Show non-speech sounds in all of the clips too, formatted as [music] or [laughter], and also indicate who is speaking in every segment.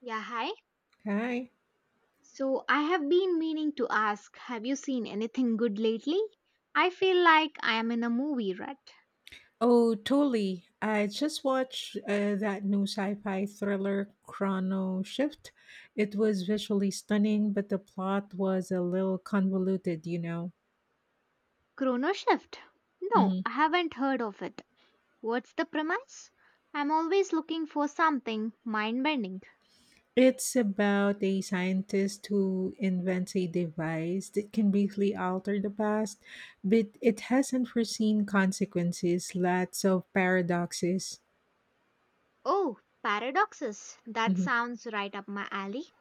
Speaker 1: Yeah, hi.
Speaker 2: Hi.
Speaker 1: So I have been meaning to ask, have you seen anything good lately? I feel like I am in a movie rut.
Speaker 2: Oh, totally. I just watched that new sci-fi thriller, Chrono Shift. It was visually stunning, but the plot was a little convoluted.
Speaker 1: Chrono Shift? No,
Speaker 2: Mhm.
Speaker 1: I haven't heard of it. What's the premise? I'm always looking for something mind bending.
Speaker 2: It's about a scientist who invents a device that can briefly alter the past, but it has unforeseen consequences, lots of paradoxes.
Speaker 1: Oh, paradoxes. That
Speaker 2: Mm-hmm.
Speaker 1: sounds right up my alley.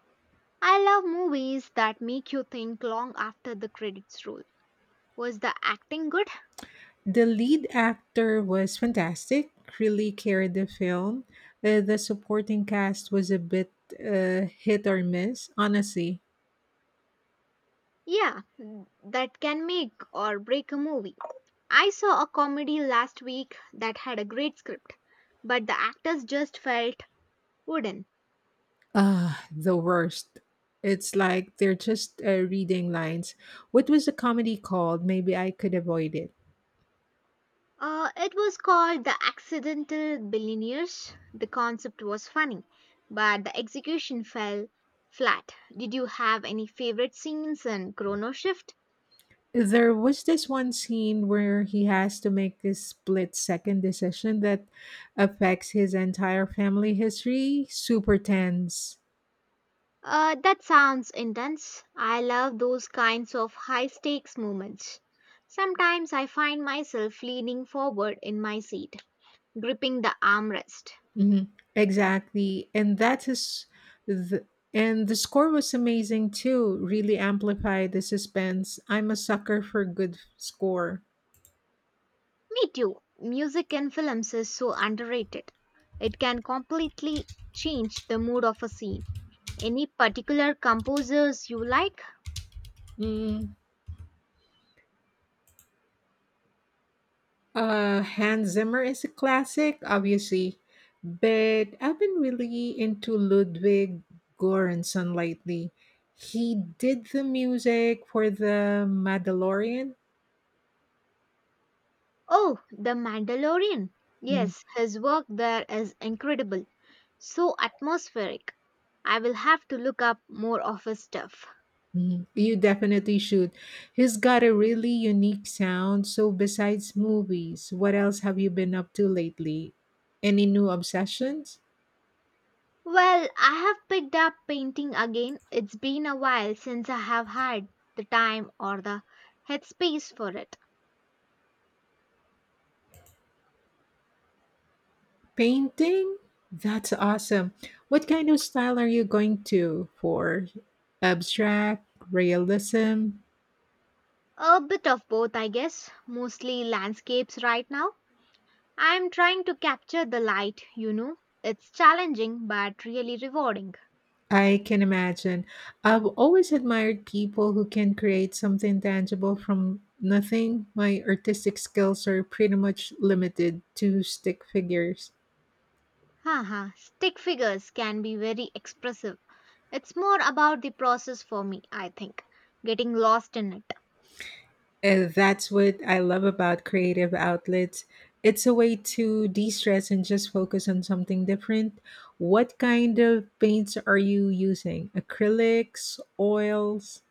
Speaker 1: I love movies that make you think long after the credits roll. Was the acting good?
Speaker 2: The lead actor was fantastic, really carried the film. The supporting cast was a bit hit or miss, honestly.
Speaker 1: Yeah, that can make or break a movie. I saw a comedy last week that had a great script, but the actors just felt wooden.
Speaker 2: Ah, the worst. It's like they're just reading lines. What was the comedy called? Maybe I could avoid it.
Speaker 1: It was called The Accidental Billionaires. The concept was funny, but the execution fell flat. Did you have any favorite scenes in Chrono Shift?
Speaker 2: There was this one scene where he has to make this split second decision that affects his entire family history. Super tense.
Speaker 1: That sounds intense. I love those kinds of high stakes moments. Sometimes I find myself leaning forward in my seat, gripping the armrest.
Speaker 2: Hmm. Exactly. The and the score was amazing too. Really amplified the suspense. I'm a sucker for good score.
Speaker 1: Me too. Music in films is so underrated. It can completely change the mood of a scene. Any particular composers you like?
Speaker 2: Mm. Hans Zimmer is a classic, obviously, but I've been really into Ludwig Göransson lately. He did the music for the Mandalorian.
Speaker 1: Oh, The Mandalorian.
Speaker 2: Mhm,
Speaker 1: Yes, his work there is incredible. So atmospheric. I will have to look up more of his stuff.
Speaker 2: mhm. You definitely should. He's got a really unique sound. So, besides movies, what else have you been up to lately? Any new obsessions?
Speaker 1: Well, I have picked up painting again. It's been a while since I have had the time or the headspace for it.
Speaker 2: Painting? That's awesome. What kind of style are you going to for? Abstract, realism?
Speaker 1: A bit of both, I guess. Mostly landscapes right now. I'm trying to capture the light. It's challenging but really rewarding.
Speaker 2: I can imagine. I've always admired people who can create something tangible from nothing. My artistic skills are pretty much limited to stick figures.
Speaker 1: Haha, stick figures can be very expressive. It's more about the process for me, I think. Getting lost in it.
Speaker 2: And that's what I love about creative outlets. It's a way to de stress and just focus on something different. What kind of paints are you using? Acrylics, oils?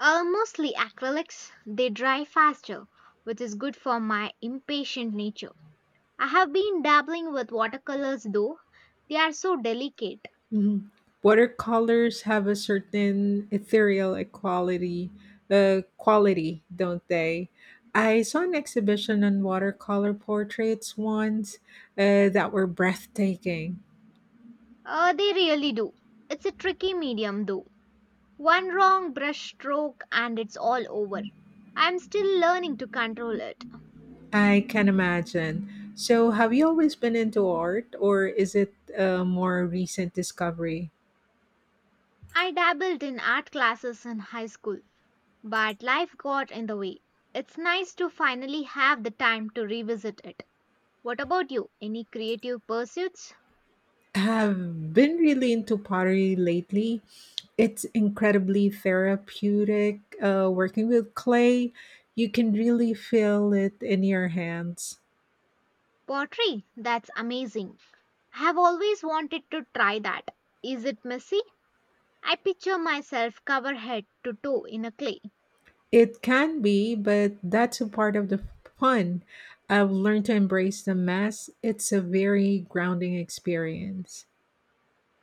Speaker 1: Mostly acrylics. They dry faster, which is good for my impatient nature. I have been dabbling with watercolors though. They are so delicate.
Speaker 2: Mhm. Watercolors have a certain ethereal quality, don't they? I saw an exhibition on watercolor portraits once that were breathtaking.
Speaker 1: They really do. It's a tricky medium though. One wrong brush stroke and it's all over. I'm still learning to control it.
Speaker 2: I can imagine. So, have you always been into art, or is it a more recent discovery?
Speaker 1: I dabbled in art classes in high school, but life got in the way. It's nice to finally have the time to revisit it. What about you? Any creative pursuits?
Speaker 2: I've been really into pottery lately. It's incredibly therapeutic. Working with clay, you can really feel it in your hands.
Speaker 1: Pottery? That's amazing. I have always wanted to try that. Is it messy? I picture myself covered head to toe in a clay.
Speaker 2: It can be, but that's a part of the fun. I've learned to embrace the mess. It's a very grounding experience.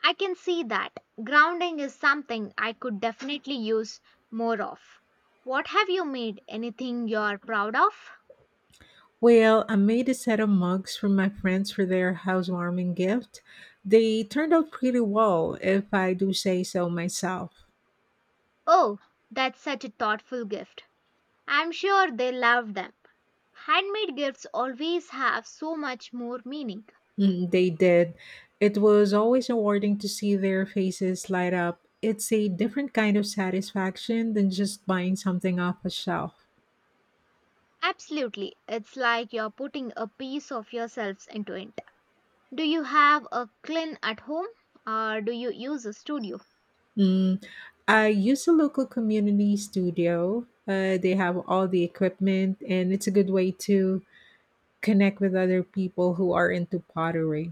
Speaker 1: I can see that. Grounding is something I could definitely use more of. What have you made? Anything you're proud of?
Speaker 2: Well, I made a set of mugs for my friends for their housewarming gift. They turned out pretty well, if I do say so myself.
Speaker 1: Oh, that's such a thoughtful gift. I'm sure they love them. Handmade gifts always have so much more meaning.
Speaker 2: Mm, they did. It was always rewarding to see their faces light up. It's a different kind of satisfaction than just buying something off a shelf.
Speaker 1: Absolutely. It's like you're putting a piece of yourselves into it. Do you have a clean at home or do you use a studio?
Speaker 2: Mm, I use a local community studio. They have all the equipment, and it's a good way to connect with other people who are into pottery.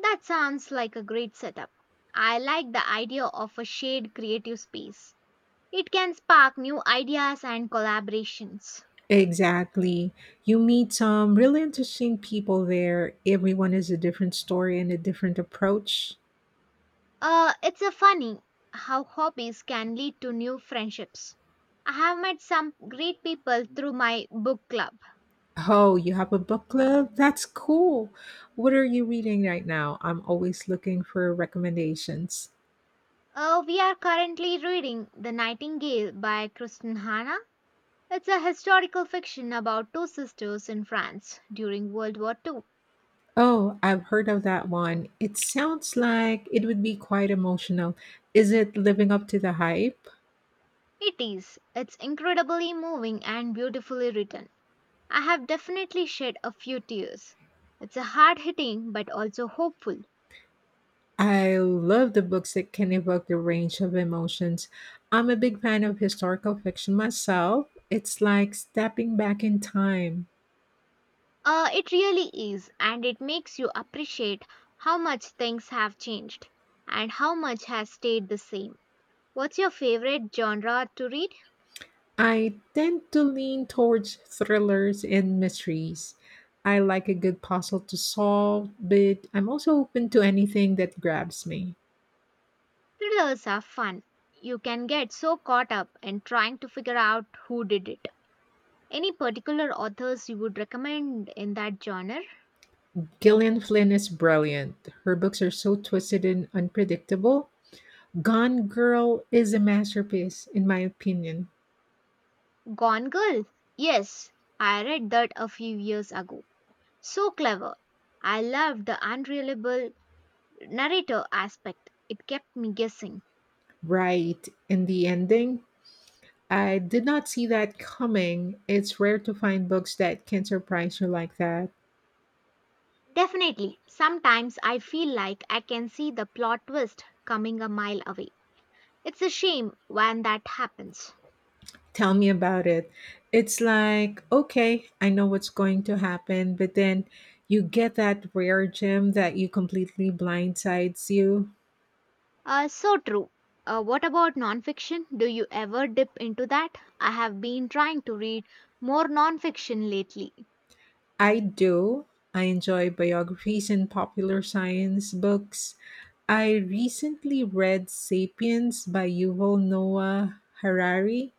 Speaker 1: That sounds like a great setup. I like the idea of a shared creative space. It can spark new ideas and collaborations.
Speaker 2: Exactly. You meet some really interesting people there. Everyone has a different story and a different approach.
Speaker 1: It's a funny how hobbies can lead to new friendships. I have met some great people through my book club.
Speaker 2: Oh, you have a book club? That's cool. What are you reading right now? I'm always looking for recommendations.
Speaker 1: We are currently reading The Nightingale by Kristen Hanna. It's a historical fiction about two sisters in France during World War II.
Speaker 2: Oh, I've heard of that one. It sounds like it would be quite emotional. Is it living up to the hype?
Speaker 1: It is. It's incredibly moving and beautifully written. I have definitely shed a few tears. It's a hard hitting but also hopeful.
Speaker 2: I love the books that can evoke the range of emotions. I'm a big fan of historical fiction myself. It's like stepping back in time.
Speaker 1: It really is, and it makes you appreciate how much things have changed and how much has stayed the same. What's your favorite genre to read?
Speaker 2: I tend to lean towards thrillers and mysteries. I like a good puzzle to solve, but I'm also open to anything that grabs me.
Speaker 1: Thrillers are fun. You can get so caught up in trying to figure out who did it. Any particular authors you would recommend in that genre?
Speaker 2: Gillian Flynn is brilliant. Her books are so twisted and unpredictable. Gone Girl is a masterpiece, in my opinion.
Speaker 1: Gone Girl? Yes, I read that a few years ago. So clever. I loved the unreliable narrator aspect. It kept me guessing.
Speaker 2: Right, and the ending, I did not see that coming. It's rare to find books that can surprise you like that.
Speaker 1: Definitely, sometimes I feel like I can see the plot twist coming a mile away. It's a shame when that happens.
Speaker 2: Tell me about it. It's like, okay, I know what's going to happen, but then you get that rare gem that you completely blindsides you.
Speaker 1: So true. What about nonfiction? Do you ever dip into that? I have been trying to read more nonfiction lately.
Speaker 2: I do. I enjoy biographies and popular science books. I recently read Sapiens by Yuval Noah Harari.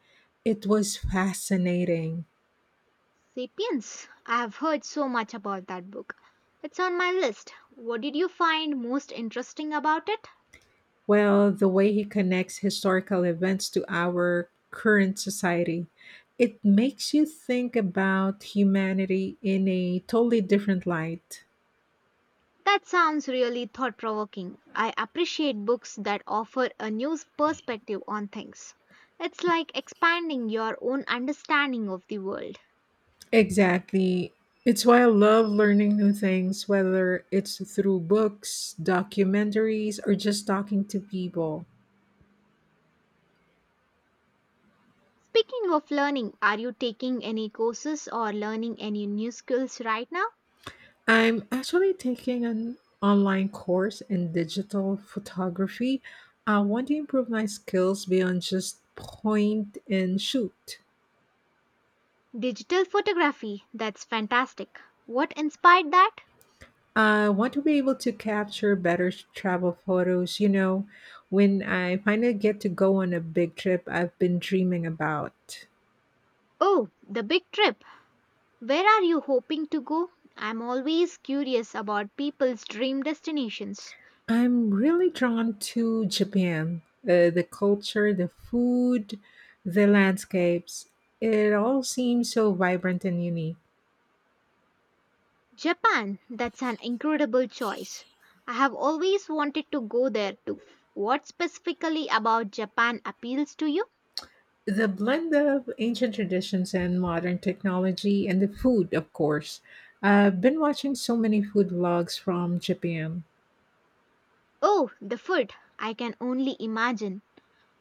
Speaker 2: It was fascinating.
Speaker 1: Sapiens. I have heard so much about that book. It's on my list. What did you find most interesting about it?
Speaker 2: Well, the way he connects historical events to our current society, it makes you think about humanity in a totally different light.
Speaker 1: That sounds really thought provoking. I appreciate books that offer a new perspective on things. It's like expanding your own understanding of the world.
Speaker 2: Exactly. It's why I love learning new things, whether it's through books, documentaries, or just talking to people.
Speaker 1: Speaking of learning, are you taking any courses or learning any new skills right now?
Speaker 2: I'm actually taking an online course in digital photography. I want to improve my skills beyond just point and shoot.
Speaker 1: Digital photography, that's fantastic. What inspired that?
Speaker 2: I want to be able to capture better travel photos, you know, when I finally get to go on a big trip I've been dreaming about.
Speaker 1: Oh, the big trip. Where are you hoping to go? I'm always curious about people's dream destinations.
Speaker 2: I'm really drawn to Japan, the culture, the food, the landscapes. It all seems so vibrant and unique.
Speaker 1: Japan, that's an incredible choice. I have always wanted to go there too. What specifically about Japan appeals to you?
Speaker 2: The blend of ancient traditions and modern technology, and the food, of course. I've been watching so many food vlogs from Japan.
Speaker 1: Oh, the food. I can only imagine.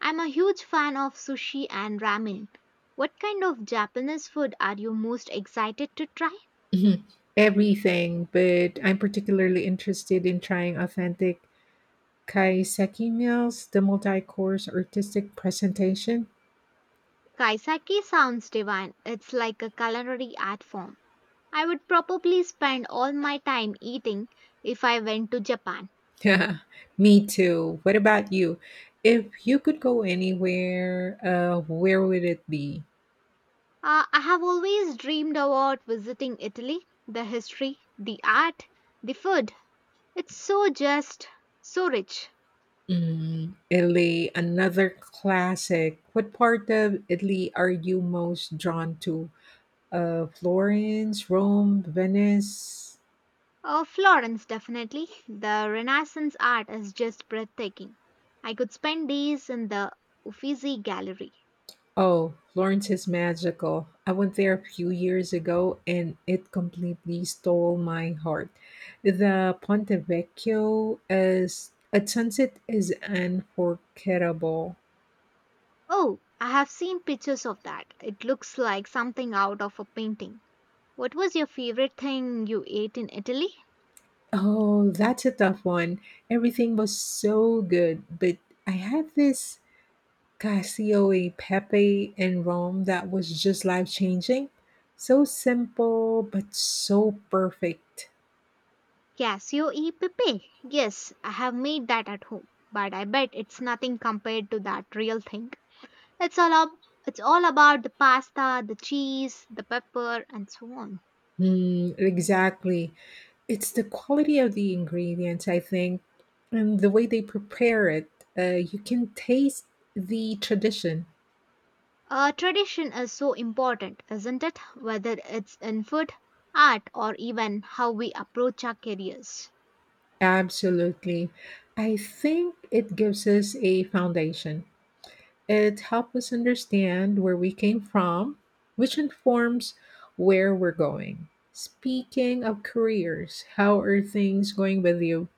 Speaker 1: I'm a huge fan of sushi and ramen. What kind of Japanese food are you most excited to try?
Speaker 2: [laughs] Mhm. Everything, but I'm particularly interested in trying authentic kaiseki meals, the multi course artistic presentation.
Speaker 1: Kaisaki sounds divine. It's like a culinary art form. I would probably spend all my time eating if I went to Japan.
Speaker 2: Yeah, [laughs] me too. What about you? If you could go anywhere, where would it be?
Speaker 1: I have always dreamed about visiting Italy. The history, the art, the food. It's so so rich.
Speaker 2: Mm, Italy, another classic. What part of Italy are you most drawn to? Florence, Rome, Venice?
Speaker 1: Florence, definitely. The Renaissance art is just breathtaking. I could spend days in the Uffizi Gallery.
Speaker 2: Oh, Florence is magical. I went there a few years ago and it completely stole my heart. The Ponte Vecchio as at sunset is unforgettable.
Speaker 1: Oh, I have seen pictures of that. It looks like something out of a painting. What was your favorite thing you ate in Italy?
Speaker 2: Oh, that's a tough one. Everything was so good, but I had this Casio e Pepe in Rome that was just life changing. So simple, but so perfect.
Speaker 1: Casio e Pepe. Yes, I have made that at home, but I bet it's nothing compared to that real thing. It's all up, it's all about the pasta, the cheese, the pepper, and so on.
Speaker 2: Mm, exactly. It's the quality of the ingredients, I think, and the way they prepare it. You can taste the tradition.
Speaker 1: Tradition is so important, isn't it? Whether it's in food, art, or even how we approach our careers.
Speaker 2: Absolutely. I think it gives us a foundation. It helps us understand where we came from, which informs where we're going. Speaking of careers, how are things going with you?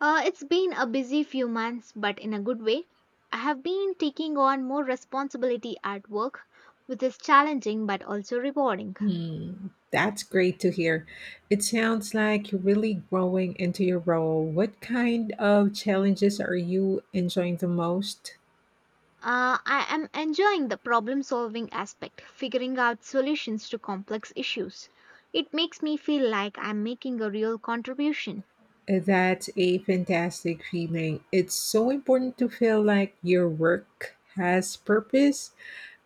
Speaker 1: It's been a busy few months, but in a good way. I have been taking on more responsibility at work, which is challenging but also rewarding.
Speaker 2: Hmm, that's great to hear. It sounds like you're really growing into your role. What kind of challenges are you enjoying the most?
Speaker 1: I am enjoying the problem solving aspect, figuring out solutions to complex issues. It makes me feel like I'm making a real contribution.
Speaker 2: That's a fantastic feeling. It's so important to feel like your work has purpose.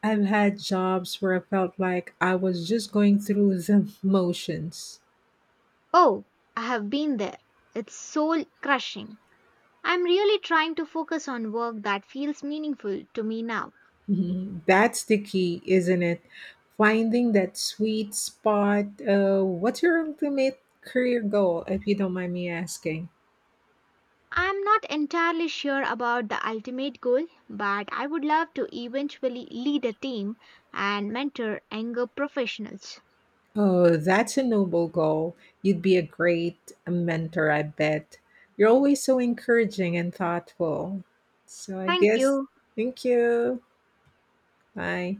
Speaker 2: I've had jobs where I felt like I was just going through the [laughs] motions.
Speaker 1: Oh, I have been there. It's soul crushing. I'm really trying to focus on work that feels meaningful to me now.
Speaker 2: [laughs] Mhm. That's the key, isn't it? Finding that sweet spot. What's your ultimate career goal, if you don't mind me asking?
Speaker 1: I'm not entirely sure about the ultimate goal, but I would love to eventually lead a team and mentor younger professionals.
Speaker 2: Oh, that's a noble goal. You'd be a great mentor, I bet. You're always so encouraging and thoughtful. So I
Speaker 1: Thank
Speaker 2: guess,
Speaker 1: you.
Speaker 2: thank you. Bye.